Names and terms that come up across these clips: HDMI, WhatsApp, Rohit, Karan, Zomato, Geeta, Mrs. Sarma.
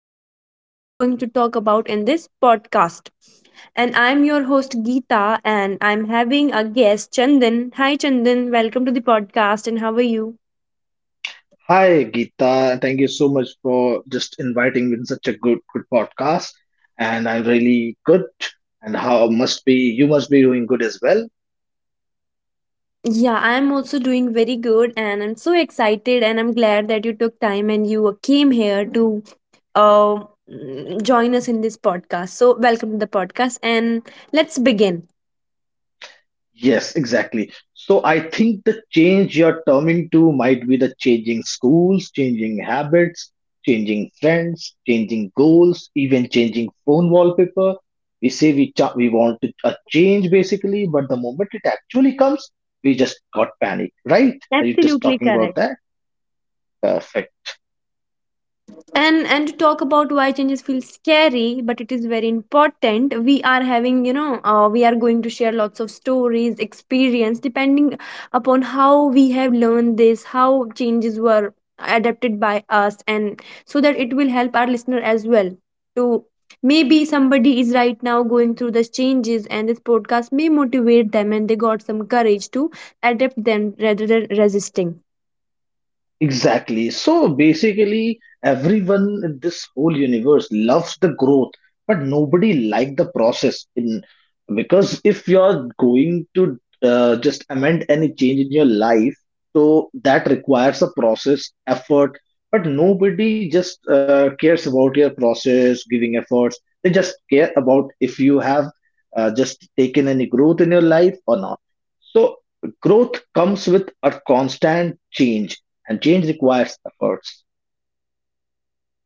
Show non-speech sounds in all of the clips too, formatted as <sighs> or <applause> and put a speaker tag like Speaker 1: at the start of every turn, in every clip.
Speaker 1: lots of things we are going to talk about in this podcast. And I'm your host Geeta, and I'm having a guest Chandan. Hi Chandan, welcome to the podcast, and how are you?
Speaker 2: Hi, Geeta. Thank you so much for just inviting me in such a good podcast. And I'm really good. And how must be you must be doing good as well.
Speaker 1: Yeah, I'm also doing very good, and I'm so excited, and I'm glad that you took time and you came here to uh, join us in this podcast. So, welcome to the podcast, and let's begin.
Speaker 2: Yes, exactly. So I think the change you're turning to might be the changing schools, changing habits, changing friends, changing goals, even changing phone wallpaper. We say we cha- we want to- a change basically, but the moment it actually comes, we just got panic, right? Are you just
Speaker 1: Absolutely
Speaker 2: talking about
Speaker 1: correct.
Speaker 2: that? Perfect.
Speaker 1: And to talk about why changes feel scary, but it is very important, we are having, we are going to share lots of stories, experience, depending upon how we have learned this, how changes were adapted by us, and so that it will help our listener as well to, maybe somebody is right now going through the changes and this podcast may motivate them and they got some courage to adapt them rather than resisting.
Speaker 2: Exactly. So basically, everyone in this whole universe loves the growth, but nobody like the process. In because if you're going to just amend any change in your life, so that requires a process, effort. But nobody just cares about your process, giving efforts. They just care about if you have just taken any growth in your life or not. So growth comes with a constant change and change requires efforts.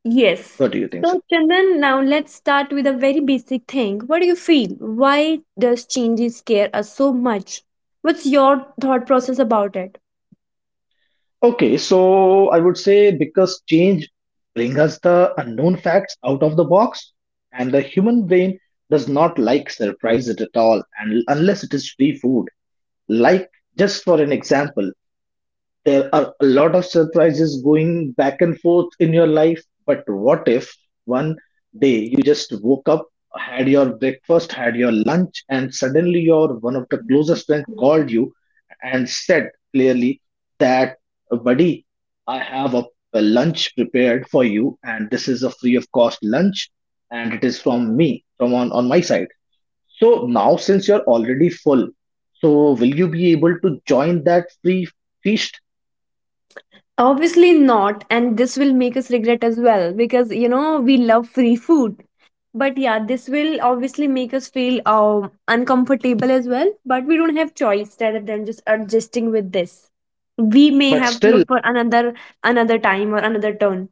Speaker 1: Yes.
Speaker 2: What do you think, sir?
Speaker 1: So, Chandan, now let's start with a very basic thing. What do you feel? Why does changes scare us so much? What's your thought process about it?
Speaker 2: Okay, so I would say because change brings us the unknown facts out of the box, and the human brain does not like surprises at all, and unless it is free food. Like, just for an example, there are a lot of surprises going back and forth in your life, but what if one day you just woke up, had your breakfast, had your lunch, and suddenly your one of the closest friends called you and said clearly that, buddy, I have a lunch prepared for you, and this is a free of cost lunch, and it is from me, on my side. So now, since you're already full, so will you be able to join that free feast?
Speaker 1: Obviously not, and this will make us regret as well, because you know we love free food. But yeah, this will obviously make us feel uncomfortable as well. But we don't have choice rather than just adjusting with this. We may
Speaker 2: But
Speaker 1: have to look
Speaker 2: still,
Speaker 1: for another, another time or another turn.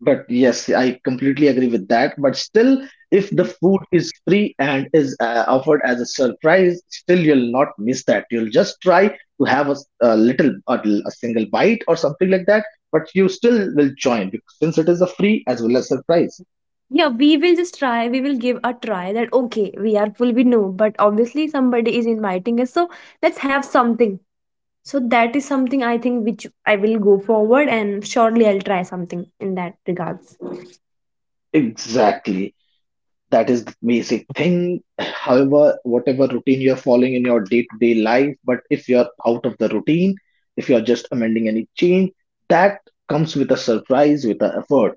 Speaker 2: but yes, I completely agree with that. But still, if the food is free and is offered as a surprise, still you'll not miss that. You'll just try to have a, s- a little, a single bite or something like that, but you still will join because, since it is a free as well as surprise.
Speaker 1: Yeah, we will just try. We will give a try that okay, we are full, we know, but obviously somebody is inviting us, so let's have something. So that is something I think which I will go forward and surely I'll try something in that regards.
Speaker 2: Exactly, that is the basic thing. However, whatever routine you're following in your day-to-day life, but if you're out of the routine, if you're just amending any change that comes with a surprise, with an effort.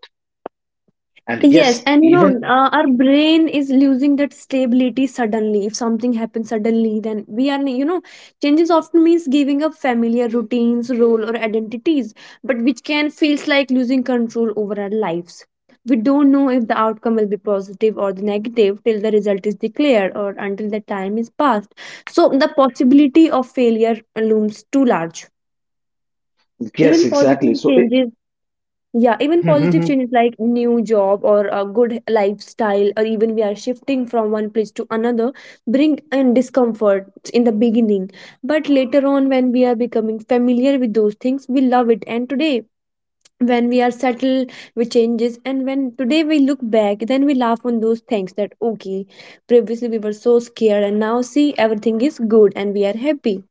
Speaker 2: And
Speaker 1: Yes,
Speaker 2: yes,
Speaker 1: and you
Speaker 2: even
Speaker 1: know, our brain is losing that stability suddenly. If something happens suddenly, then we are, you know, changes often means giving up familiar routines, role, or identities, but which can feels like losing control over our lives. We don't know if the outcome will be positive or the negative till the result is declared or until the time is passed. So the possibility of failure looms too large.
Speaker 2: yes,
Speaker 1: Even
Speaker 2: exactly
Speaker 1: positive
Speaker 2: so
Speaker 1: changes, yeah, even positive
Speaker 2: it, <laughs>
Speaker 1: changes like new job or a good lifestyle, or even we are shifting from one place to another, bring and discomfort in the beginning. But later on, when we are becoming familiar with those things, we love it. And today, when we are settled with changes, and when today we look back, then we laugh on those things that okay, previously we were so scared, and now see everything is good and we are happy.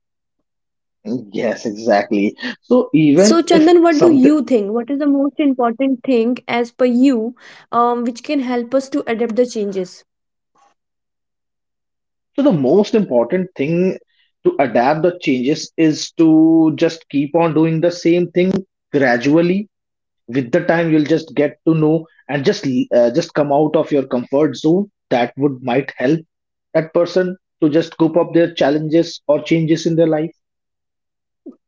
Speaker 2: yes exactly so even
Speaker 1: So,
Speaker 2: if
Speaker 1: Chandan, what do
Speaker 2: something
Speaker 1: you think? What is the most important thing, as per you, which can help us to adapt the changes?
Speaker 2: so the most important thing to adapt the changes is to just keep on doing the same thing gradually. With the time you'll just get to know and just come out of your comfort zone. That would might help that person to just cope up their challenges or changes in their life.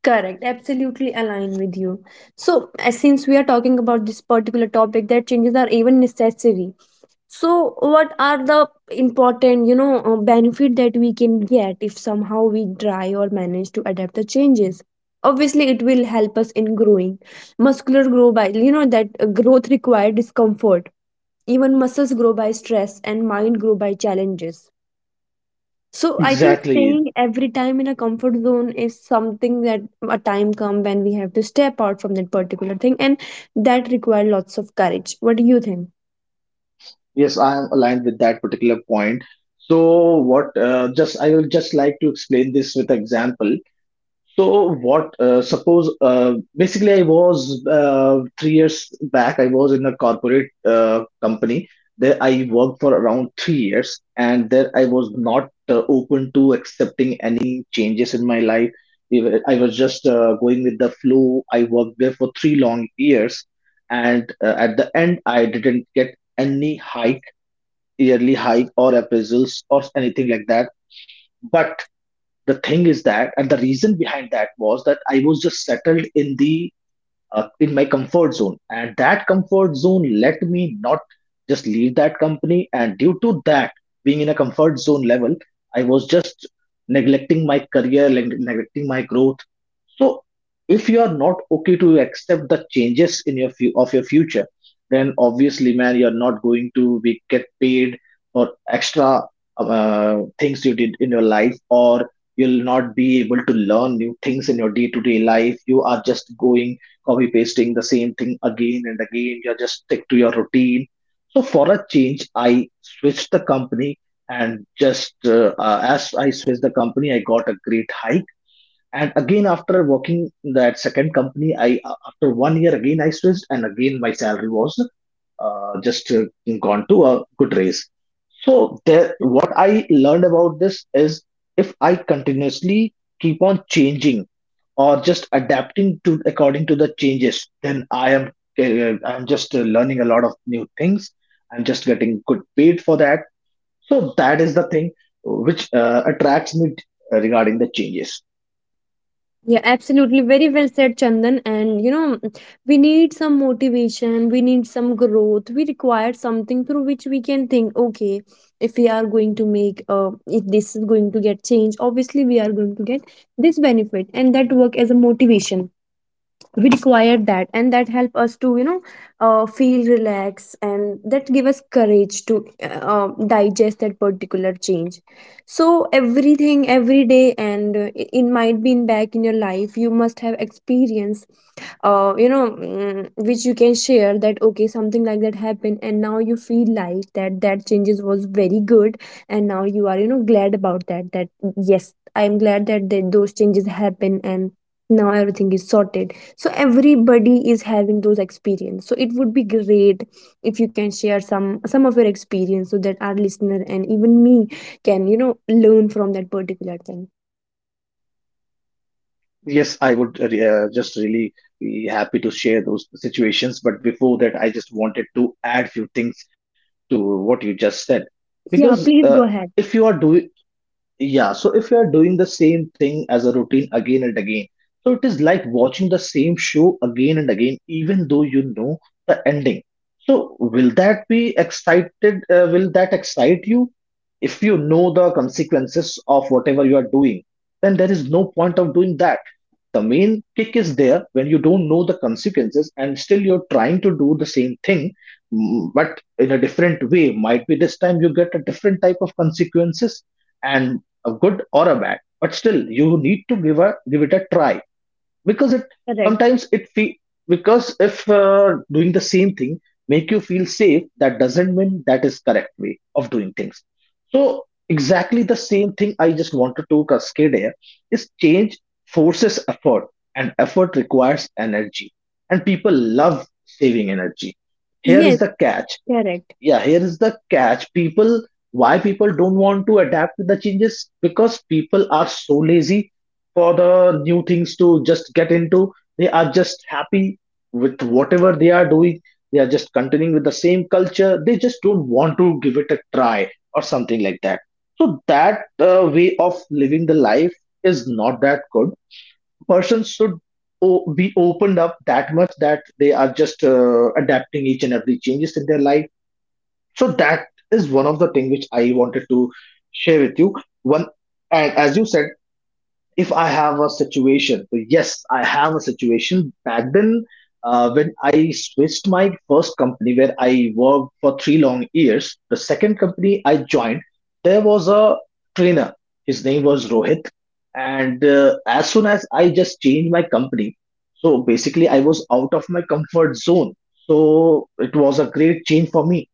Speaker 1: Correct, absolutely align with you. So, as since we are talking about this particular topic, that changes are even necessary. So what are the important, benefit that we can get if somehow we try or manage to adapt the changes? Obviously it will help us in growing. Muscular grow by, that growth require discomfort. Even muscles grow by stress and mind grow by challenges. So I think
Speaker 2: Exactly,
Speaker 1: staying every time in a comfort zone is something that a time come when we have to step out from that particular thing, and that require lots of courage. What do you think?
Speaker 2: yes, I am aligned with that particular point. So what just I will just like to explain this with example. So what? Suppose Basically, I was 3 years back. I was in a corporate company. There, I worked for around 3 years, and there I was not open to accepting any changes in my life. I was just going with the flow. I worked there for three long years, and at the end, I didn't get any hike, yearly hike, or appraisals, or anything like that. But the thing is that, and the reason behind that was that I was just settled in the in my comfort zone, and that comfort zone let me not just leave that company. And due to that, being in a comfort zone level, I was just neglecting my career, neglecting my growth. So if you are not okay to accept the changes in of your future, then obviously, man, you're not going to be get paid for extra things you did in your life, or you'll not be able to learn new things in your day to day life. You are just going copy pasting the same thing again and again. You're just stick to your routine. So for a change, I switched the company, and just as I switched the company, I got a great hike. And again, after working that second company, I after 1 year again I switched, and again my salary was just gone to a good raise. So there, what I learned about this is, if I continuously keep on changing or just adapting to according to the changes, then i am I'm just learning a lot of new things. I'm just getting good paid for that. So that is the thing which attracts me regarding the changes.
Speaker 1: Yeah, absolutely. Very well said, Chandan. And you know, we need some motivation, we need some growth, we require something through which we can think, okay, if we are going to make, if this is going to get changed, obviously we are going to get this benefit, and that work as a motivation. We require that, and that help us to, feel relaxed, and that give us courage to digest that particular change. So everything, every day, and it might be in back in your life you must have experience, which you can share that okay, something like that happened and now you feel like that that changes was very good, and now you are, you know, glad about that, that yes, I'm glad that, that those changes happen and now everything is sorted. So everybody is having those experience, so it would be great if you can share some of your experience so that our listener and even me can, you know, learn from that particular thing.
Speaker 2: Yes, I would just really be happy to share those situations. But before that, I just wanted to add few things to what you just said. Because
Speaker 1: Yeah, please
Speaker 2: if
Speaker 1: go
Speaker 2: you are
Speaker 1: ahead.
Speaker 2: do Yeah, so if you are doing the same thing as a routine again and again, so it is like watching the same show again and again, even though you know the ending. So will that be excited? Will that excite you? If you know the consequences of whatever you are doing, then there is no point of doing that. The main kick is there when you don't know the consequences and still you're trying to do the same thing, but in a different way. Might be this time you get a different type of consequences, and a good or a bad, but still you need to give it a try. Because it
Speaker 1: Correct.
Speaker 2: sometimes it feel because if doing the same thing make you feel safe, that doesn't mean that is correct way of doing things. So exactly the same thing I just wanted to cascade here is, change forces effort, and effort requires energy, and people love saving energy. Here is
Speaker 1: Yes.
Speaker 2: the catch.
Speaker 1: Correct.
Speaker 2: Yeah, here is the catch. People, why people don't want to adapt to the changes? Because people are so lazy for the new things to just get into. They are just happy with whatever they are doing. They are just continuing with the same culture. They just don't want to give it a try or something like that. So that way of living the life is not that good. Person should be opened up that much that they are just adapting each and every changes in their life. So that is one of the thing which I wanted to share with you. One, and as you said, if I have a situation, so yes, I have a situation back then when I switched my first company where I worked for three long years. The second company I joined, there was a trainer. His name was Rohit, and as soon as I just changed my company, so basically I was out of my comfort zone. So it was a great change for me,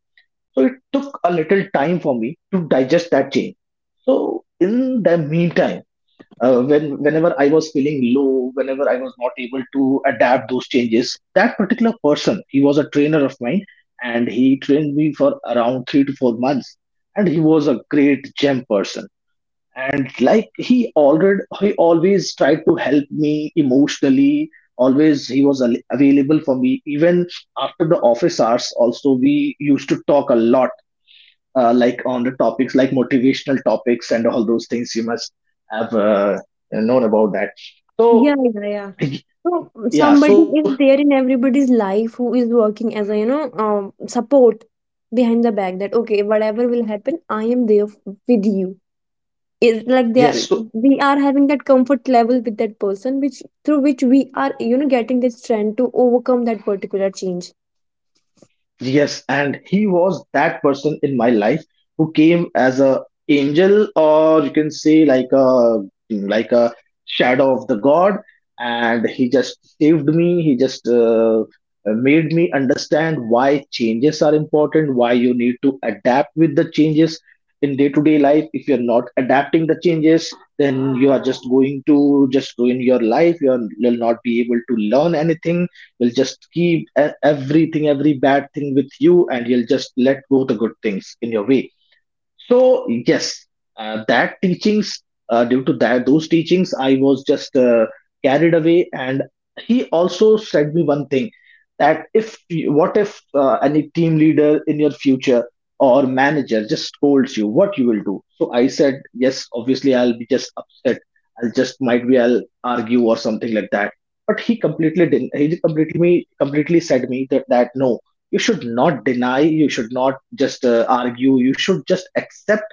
Speaker 2: so it took a little time for me to digest that change. So in the meantime, when whenever I was feeling low, whenever I was not able to adapt those changes, that particular person, he was a trainer of mine, and he trained me for around 3 to 4 months, and he was a great gem person. And like he always tried to help me emotionally. Always he was available for me, even after the office hours. Also, we used to talk a lot like on the topics like motivational topics and all those things. You must have known about that.
Speaker 1: Yeah,
Speaker 2: So
Speaker 1: yeah, yeah. So
Speaker 2: yeah,
Speaker 1: somebody
Speaker 2: so
Speaker 1: is there in everybody's life who is working as a, support behind the back, that okay, whatever will happen, I am there with you. Is like they are,
Speaker 2: yes.
Speaker 1: we are having that comfort level with that person, which through which we are, you know, getting this trend to overcome that particular change.
Speaker 2: Yes, and he was that person in my life who came as a angel, or you can say like a like a shadow of the God, and he just saved me. He just made me understand why changes are important, why you need to adapt with the changes in day to day life. If you're not adapting the changes, then you are just going to just ruin your life. You'll not be able to learn anything. You'll just keep everything, every bad thing with you, and you'll just let go the good things in your way. So yes, that teachings due to that those teachings, I was just carried away. And he also said me one thing that if you- what if any team leader in your future or manager just scolds you, what you will do? So I said yes. Obviously, I'll be just upset. I'll just might be I'll argue or something like that. But he completely didn't. He completely said me that no, you should not deny, you should not just argue, you should just accept.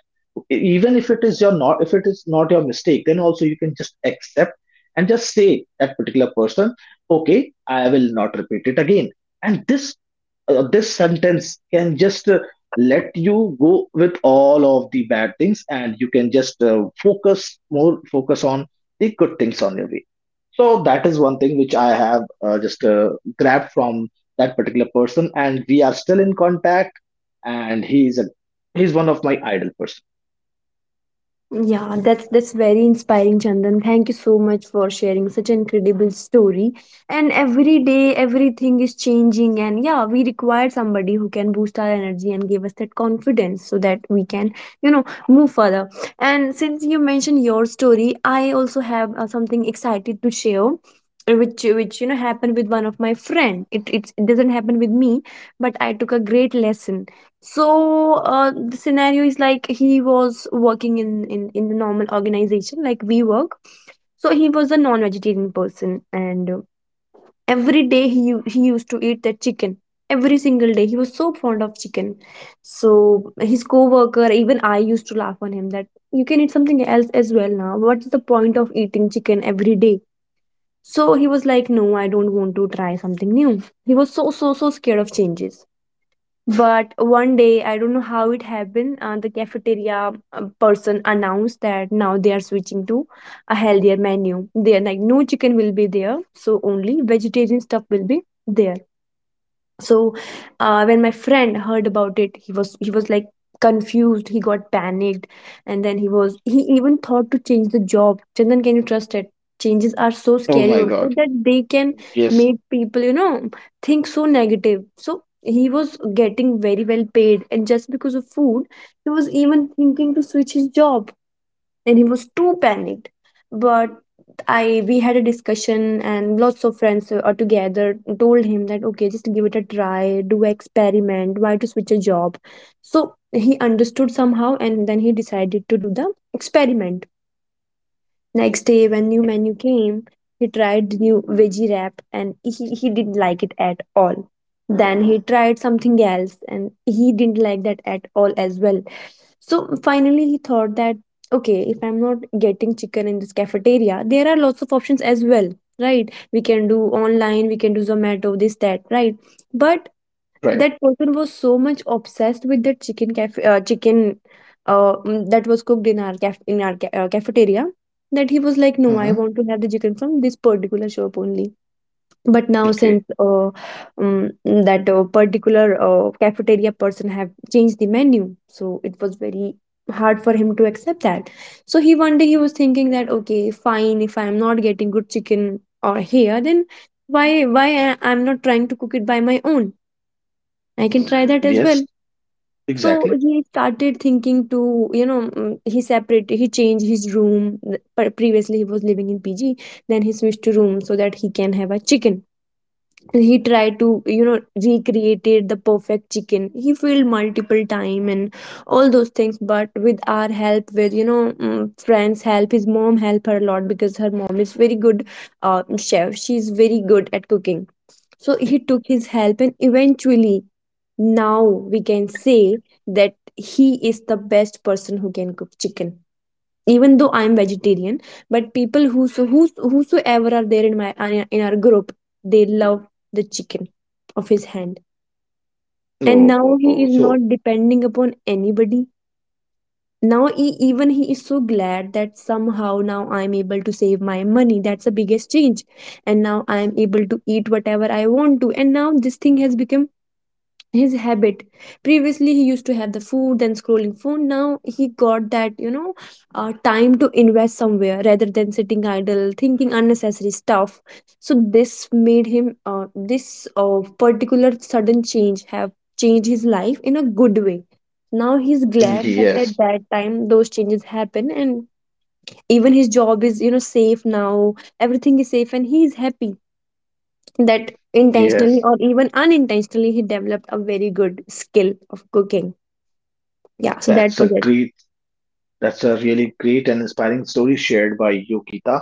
Speaker 2: Even if it is your not, if it is not your mistake, then also you can just accept and just say that particular person, okay, I will not repeat it again. And this this sentence can just let you go with all of the bad things, and you can just focus more, focus on the good things on your way. So that is one thing which I have just grabbed from that particular person, and we are still in contact. And he's a he's one of my idol person.
Speaker 1: Yeah, that's very inspiring, Chandan. Thank you so much for sharing such an incredible story. And every day, everything is changing, and yeah, we require somebody who can boost our energy and give us that confidence so that we can, you know, move further. And since you mentioned your story, I also have something excited to share, which you know happened with one of my friend. It doesn't happen with me, but I took a great lesson. So, the scenario is like he was working in, in the normal organization like we work. So he was a non-vegetarian person, and every day he he used to eat that chicken. Every single day, he was so fond of chicken. So his co-worker, even I, used to laugh on him that you can eat something else as well now. What's the point of eating chicken every day? So he was like, no, I don't want to try something new. He was so scared of changes. But one day, I don't know how it happened, the cafeteria person announced that now they are switching to a healthier menu. They are like, no chicken will be there, so only vegetarian stuff will be there. So when my friend heard about it, he was, like confused, he got panicked, and then he was, he even thought to change the job. Chandan, can you trust it? Changes are so
Speaker 2: Oh
Speaker 1: scary
Speaker 2: my
Speaker 1: also
Speaker 2: God!
Speaker 1: that they can
Speaker 2: Yes,
Speaker 1: make people, you know, think so negative. So he was getting very well paid, and just because of food he was even thinking to switch his job, and he was too panicked. But I we had a discussion, and lots of friends are together told him that okay, just give it a try, do experiment, why to switch a job. So he understood somehow, and then he decided to do the experiment. Next day when new menu came, he tried the new veggie wrap, and he didn't like it at all. Then he tried something else and he didn't like that at all as well. So finally, he thought that, okay, if I'm not getting chicken in this cafeteria, there are lots of options as well, right? We can do online, we can do Zomato, this, that, right? But
Speaker 2: right.
Speaker 1: that person was so much obsessed with that chicken that was cooked in our cafeteria, that he was like, no, I
Speaker 2: Hmm.
Speaker 1: want to have the chicken from this particular shop only. But now, since
Speaker 2: Okay.
Speaker 1: that particular cafeteria person have changed the menu, so it was very hard for him to accept that. So he one day he was thinking that okay fine, if I'm not getting good chicken or here, then why I'm not trying to cook it by my own, I can try that as well.
Speaker 2: Yes,
Speaker 1: So
Speaker 2: exactly.
Speaker 1: he started thinking to, he separated, he changed his room. Previously he was living in PG, then he switched to room so that he can have a chicken. He tried to, you know, recreated the perfect chicken, he failed multiple time, and all those things, but with our help, with, friends help, his mom help her a lot, because her mom is very good chef, she's very good at cooking. So he took his help, and eventually now we can say that he is the best person who can cook chicken. Even though I'm vegetarian, but people who so who whosoever are there in my, in our group, they love the chicken of his hand. And
Speaker 2: No,
Speaker 1: now
Speaker 2: no,
Speaker 1: he
Speaker 2: no.
Speaker 1: is
Speaker 2: So
Speaker 1: not depending upon anybody. Even he is so glad that somehow now I'm able to save my money. That's the biggest change. And now I'm able to eat whatever I want to. And now this thing has become his habit. Previously he used to have the food, then scrolling phone. Now he got that time to invest somewhere rather than sitting idle thinking unnecessary stuff. So this made him uh, this uh, particular sudden change have changed his life in a good way. Now he's glad that at
Speaker 2: yes,
Speaker 1: that time those changes happen. And even his job is safe now. Everything is safe and he is happy that intentionally
Speaker 2: yes,
Speaker 1: or even unintentionally he developed a very good skill of cooking. Yeah, so that
Speaker 2: that's
Speaker 1: was
Speaker 2: a
Speaker 1: it.
Speaker 2: great. That's a really great and inspiring story shared by you, Geeta.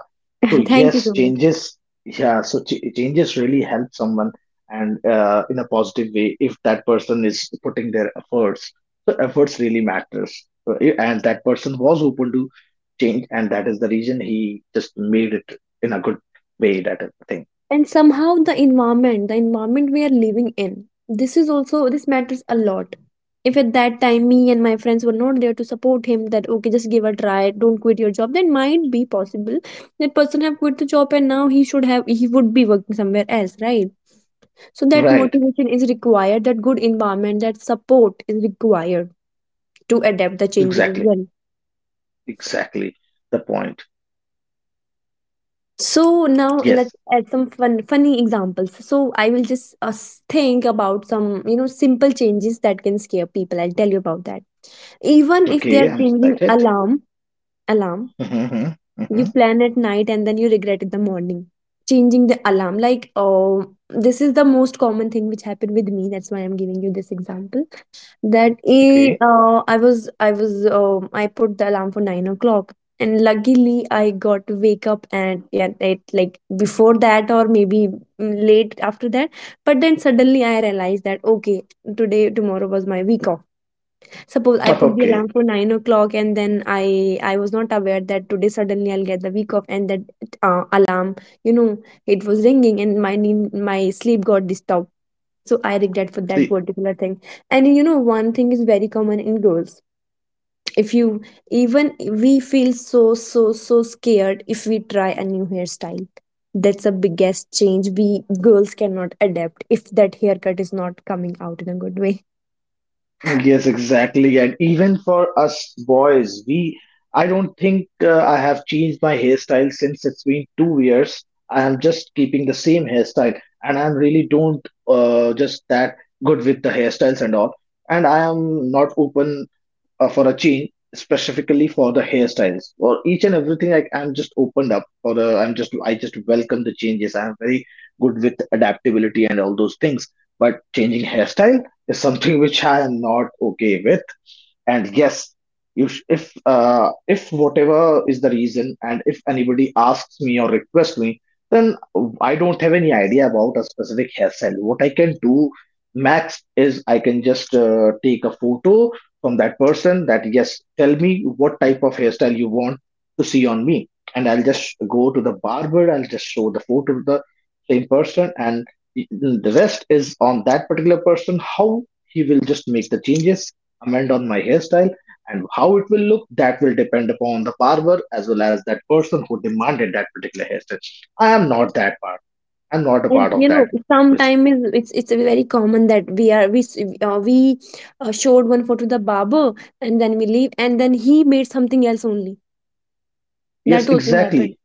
Speaker 2: So
Speaker 1: <laughs> Thank
Speaker 2: yes,
Speaker 1: you so much.
Speaker 2: changes. Yeah, so changes really help someone and in a positive way if that person is putting their efforts. So efforts really matters. So, and that person was open to change, and that is the reason he just made it in a good way. That is the thing.
Speaker 1: And somehow the environment we are living in, this is also this matters a lot. If at that time me and my friends were not there to support him, that okay, just give a try, don't quit your job, then might be possible that person have quit the job, and now he should have he would be working somewhere else, right? So that
Speaker 2: Right.
Speaker 1: motivation is required, that good environment, that support is required to adapt the changes as
Speaker 2: Exactly.
Speaker 1: well.
Speaker 2: Exactly. The point.
Speaker 1: So now
Speaker 2: Yes.
Speaker 1: let's add some funny examples. So I will just think about some, simple changes that can scare people. I'll tell you about that. Even if they are
Speaker 2: Okay. I'm
Speaker 1: changing
Speaker 2: excited.
Speaker 1: alarm,
Speaker 2: <laughs> hmm.
Speaker 1: you plan at night and then you regret in the morning. Changing the alarm, like, oh, this is the most common thing which happened with me. That's why I'm giving you this example. That eh,
Speaker 2: Okay.
Speaker 1: I was I was I put the alarm for 9 o'clock. And luckily I got to wake up at, yeah, at, like, before that, or maybe, late after that. But then suddenly I realized that, okay, today tomorrow was my week off. Suppose I put the alarm
Speaker 2: <laughs>
Speaker 1: for 9 o'clock and then I was not aware that today suddenly I'll get the week off, and that alarm, you know it was ringing, and my sleep got disturbed. So I regret for that
Speaker 2: Okay.
Speaker 1: particular thing. And you know, one thing is very common in girls. If you Even we feel so scared if we try a new hairstyle. That's a biggest change. We girls cannot adapt if that haircut is not coming out in a good way.
Speaker 2: Yes, exactly. And even for us boys, we, I don't think I have changed my hairstyle since it's been 2 years. I am just keeping the same hairstyle, and I'm really don't just that good with the hairstyles and all. And I am not open for a change, specifically for the hairstyles, or each and everything. I'm just opened up. For I just welcome the changes. I'm very good with adaptability and all those things, but changing hairstyle is something <laughs> which I am not okay with. And yes, if whatever is the reason, and if anybody asks me or requests me, then I don't have any idea about a specific hairstyle. What I can do max is I can just take a photo from that person, that yes, tell me what type of hairstyle you want to see on me. And I'll just go to the barber, I'll just show the photo to the same person, and the the rest is on that particular person, how he will just make the changes, comment on my hairstyle, and how it will look, that will depend upon the barber as well as that person who demanded that particular hairstyle. i am not that part I'm not a
Speaker 1: And,
Speaker 2: part of
Speaker 1: you know,
Speaker 2: that basically.
Speaker 1: sometimes it's very common that we are we s- we showed one photo to the barber, and then we leave and then he made something else only.
Speaker 2: Yes,
Speaker 1: That also happened.
Speaker 2: exactly.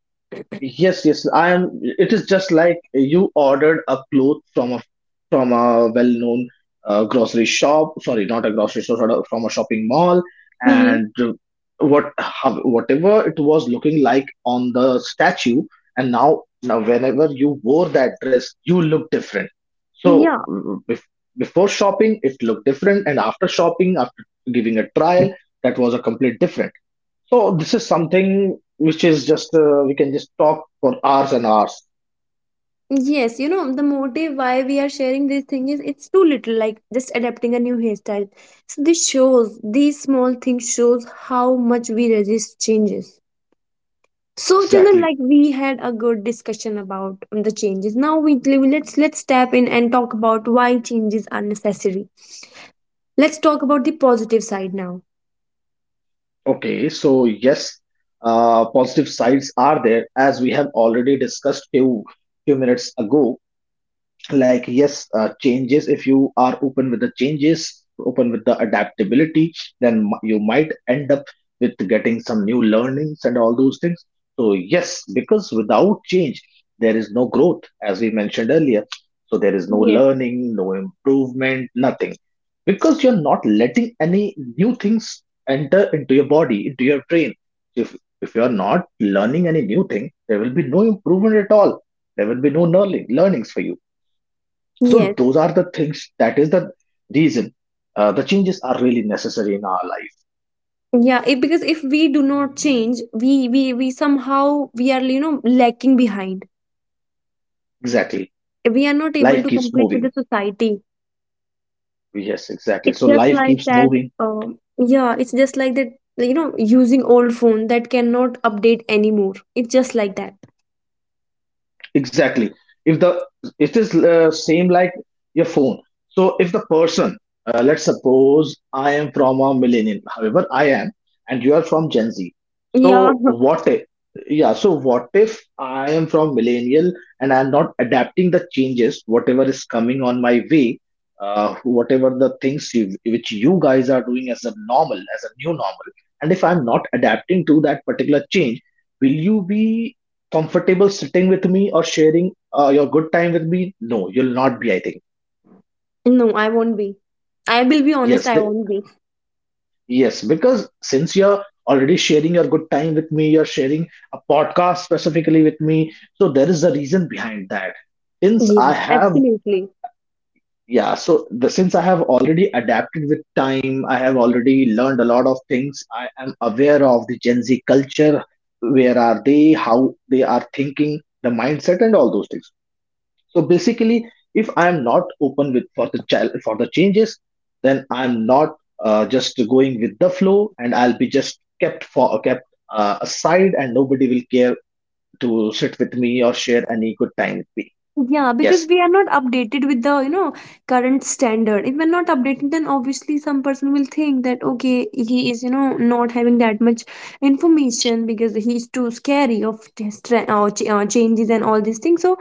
Speaker 2: Yes, yes. I am. It is just like you ordered a cloth from a well-known grocery shop. Sorry, not a grocery shop, sort of from a shopping mall,
Speaker 1: Mm-hmm.
Speaker 2: and whatever it was looking like on the statue, and now whenever you wore that dress, you look different. So
Speaker 1: Yeah.
Speaker 2: before shopping, it looked different, and after shopping, after giving a trial, that was a complete different. So this is something which is just we can just talk for hours and hours.
Speaker 1: Yes, the motive why we are sharing this thing is it's too little, like just adapting a new hairstyle. So these small things shows how much we resist changes. So Chandan,
Speaker 2: Exactly.
Speaker 1: like, we had a good discussion about the changes. Now we let's tap in and talk about why changes are necessary. Let's talk about the positive side now.
Speaker 2: Okay. So yes, positive sides are there, as we have already discussed few minutes ago. Like yes, changes, if you are open with the changes, open with the adaptability, then you might end up with getting some new learnings and all those things. So yes, because without change there is no growth, as we mentioned earlier. So there is no
Speaker 1: Yes.
Speaker 2: learning, no improvement, nothing, because you're not letting any new things enter into your body, into your brain. If you're not learning any new thing, there will be no improvement at all. There will be no learnings for you. So
Speaker 1: Yes.
Speaker 2: those are the things. That is the reason. The changes are really necessary in our life.
Speaker 1: Yeah, if, because if we do not change, we somehow we are lacking behind.
Speaker 2: Exactly.
Speaker 1: We are not able
Speaker 2: Life
Speaker 1: to
Speaker 2: keeps
Speaker 1: compete with the
Speaker 2: moving.
Speaker 1: society.
Speaker 2: Yes, exactly.
Speaker 1: It's
Speaker 2: So
Speaker 1: just
Speaker 2: life
Speaker 1: like
Speaker 2: keeps
Speaker 1: that.
Speaker 2: moving
Speaker 1: Yeah, it's just like that, using old phone that cannot update anymore. It's just like that.
Speaker 2: exactly. If the it is same like your phone. So if the person let's suppose I am from a millennial, however I am, and you are from Gen Z. So
Speaker 1: Yeah, <laughs>
Speaker 2: what if, yeah, so what if I am from millennial, and I'm not adapting the changes whatever is coming on my way, whatever the things which you guys are doing as a normal, as a new normal, and if I'm not adapting to that particular change, will you be comfortable sitting with me or sharing your good time with me? No, you'll not be, I think.
Speaker 1: no, I won't be. I will be honest,
Speaker 2: yes
Speaker 1: I
Speaker 2: be-
Speaker 1: won't be.
Speaker 2: yes, because since you're already sharing your good time with me, you're sharing a podcast specifically with me, so there is a reason behind that. Since I
Speaker 1: Yeah,
Speaker 2: have,
Speaker 1: absolutely.
Speaker 2: yeah, so the, since I have already adapted with time, I have already learned a lot of things. I am aware of the Gen Z culture, where are they, how they are thinking, the mindset and all those things. So basically, if I am not open with, for the changes, then I'm not just going with the flow, and I'll be just kept aside, and nobody will care to sit with me or share any good time with me.
Speaker 1: Yeah, because
Speaker 2: Yes.
Speaker 1: we are not updated with the, current standard. If we're not updated, then obviously some person will think that, okay, he is, not having that much information because he's too scary of just changes and all these things. So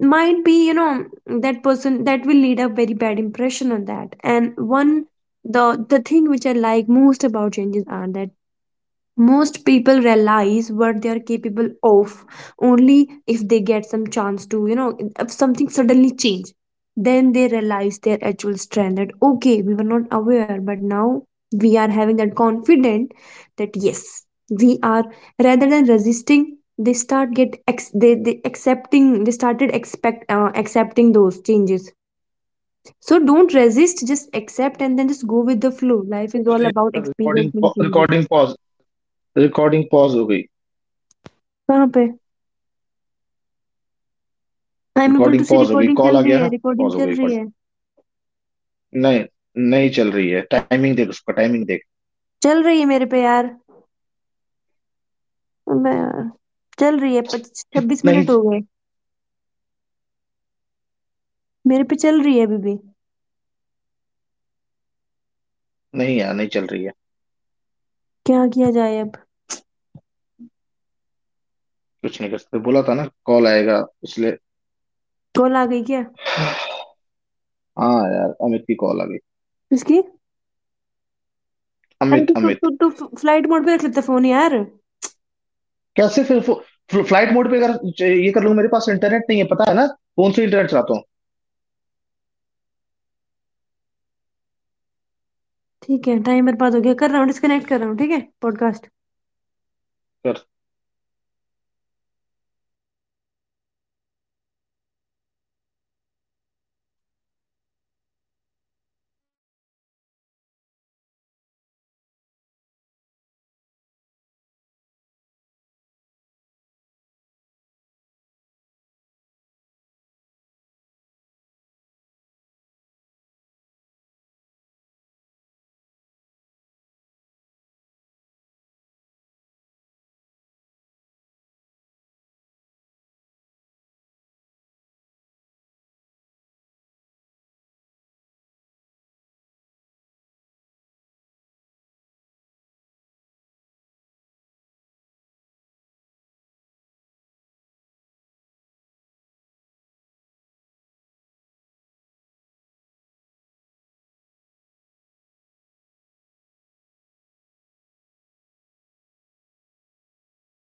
Speaker 1: might be, that person, that will lead a very bad impression on that. And one the the thing which I like most about changes are that most people realize what they are capable of only if they get some chance to, if something suddenly change, then they realize their actual strength that, okay, we were not aware, but now we are having that confident, that yes, we are. Rather than resisting, they start get ex- they accepting they started expect accepting those changes. So don't resist, just accept and then just go with the flow. Life is all about experiencing changes. कहाँ पे? I am able to see, recording चल रही है, recording चल रही है।
Speaker 2: नहीं, नहीं चल रही है। टाइमिंग देख, उसका टाइमिंग देख।
Speaker 1: चल रही है मेरे पे, यार। मैं, चल रही है, पच्चीस छब्बीस
Speaker 2: नहीं,
Speaker 1: मिनट हो गए। मेरे पे चल रही है अभी भी।
Speaker 2: नहीं यार, नहीं चल रही है।
Speaker 1: क्या किया जाए अब?
Speaker 2: कुछ नहीं कर सकते। बोला था ना कॉल आएगा इसलिए।
Speaker 1: कॉल आ गई क्या?
Speaker 2: <sighs> हाँ, यार अमित की कॉल आ गई।
Speaker 1: किसकी? अरे तू
Speaker 2: अमित,
Speaker 1: तू
Speaker 2: अमित,
Speaker 1: तू, तू फ्लाइट मोड पे रख लेता फोन, यार।
Speaker 2: कैसे फिर फ्लाइट मोड पे अगर, ये कर लूँ, मेरे पास इंटरनेट नहीं है, पता है ना, फोन से इंटरनेट चलाता
Speaker 1: ठीक है, टाइमर बाद हो गया, कर रहा हूँ, डिस्कनेक्ट कर रहा हूँ। ठीक है, पॉडकास्ट।
Speaker 2: हूँ।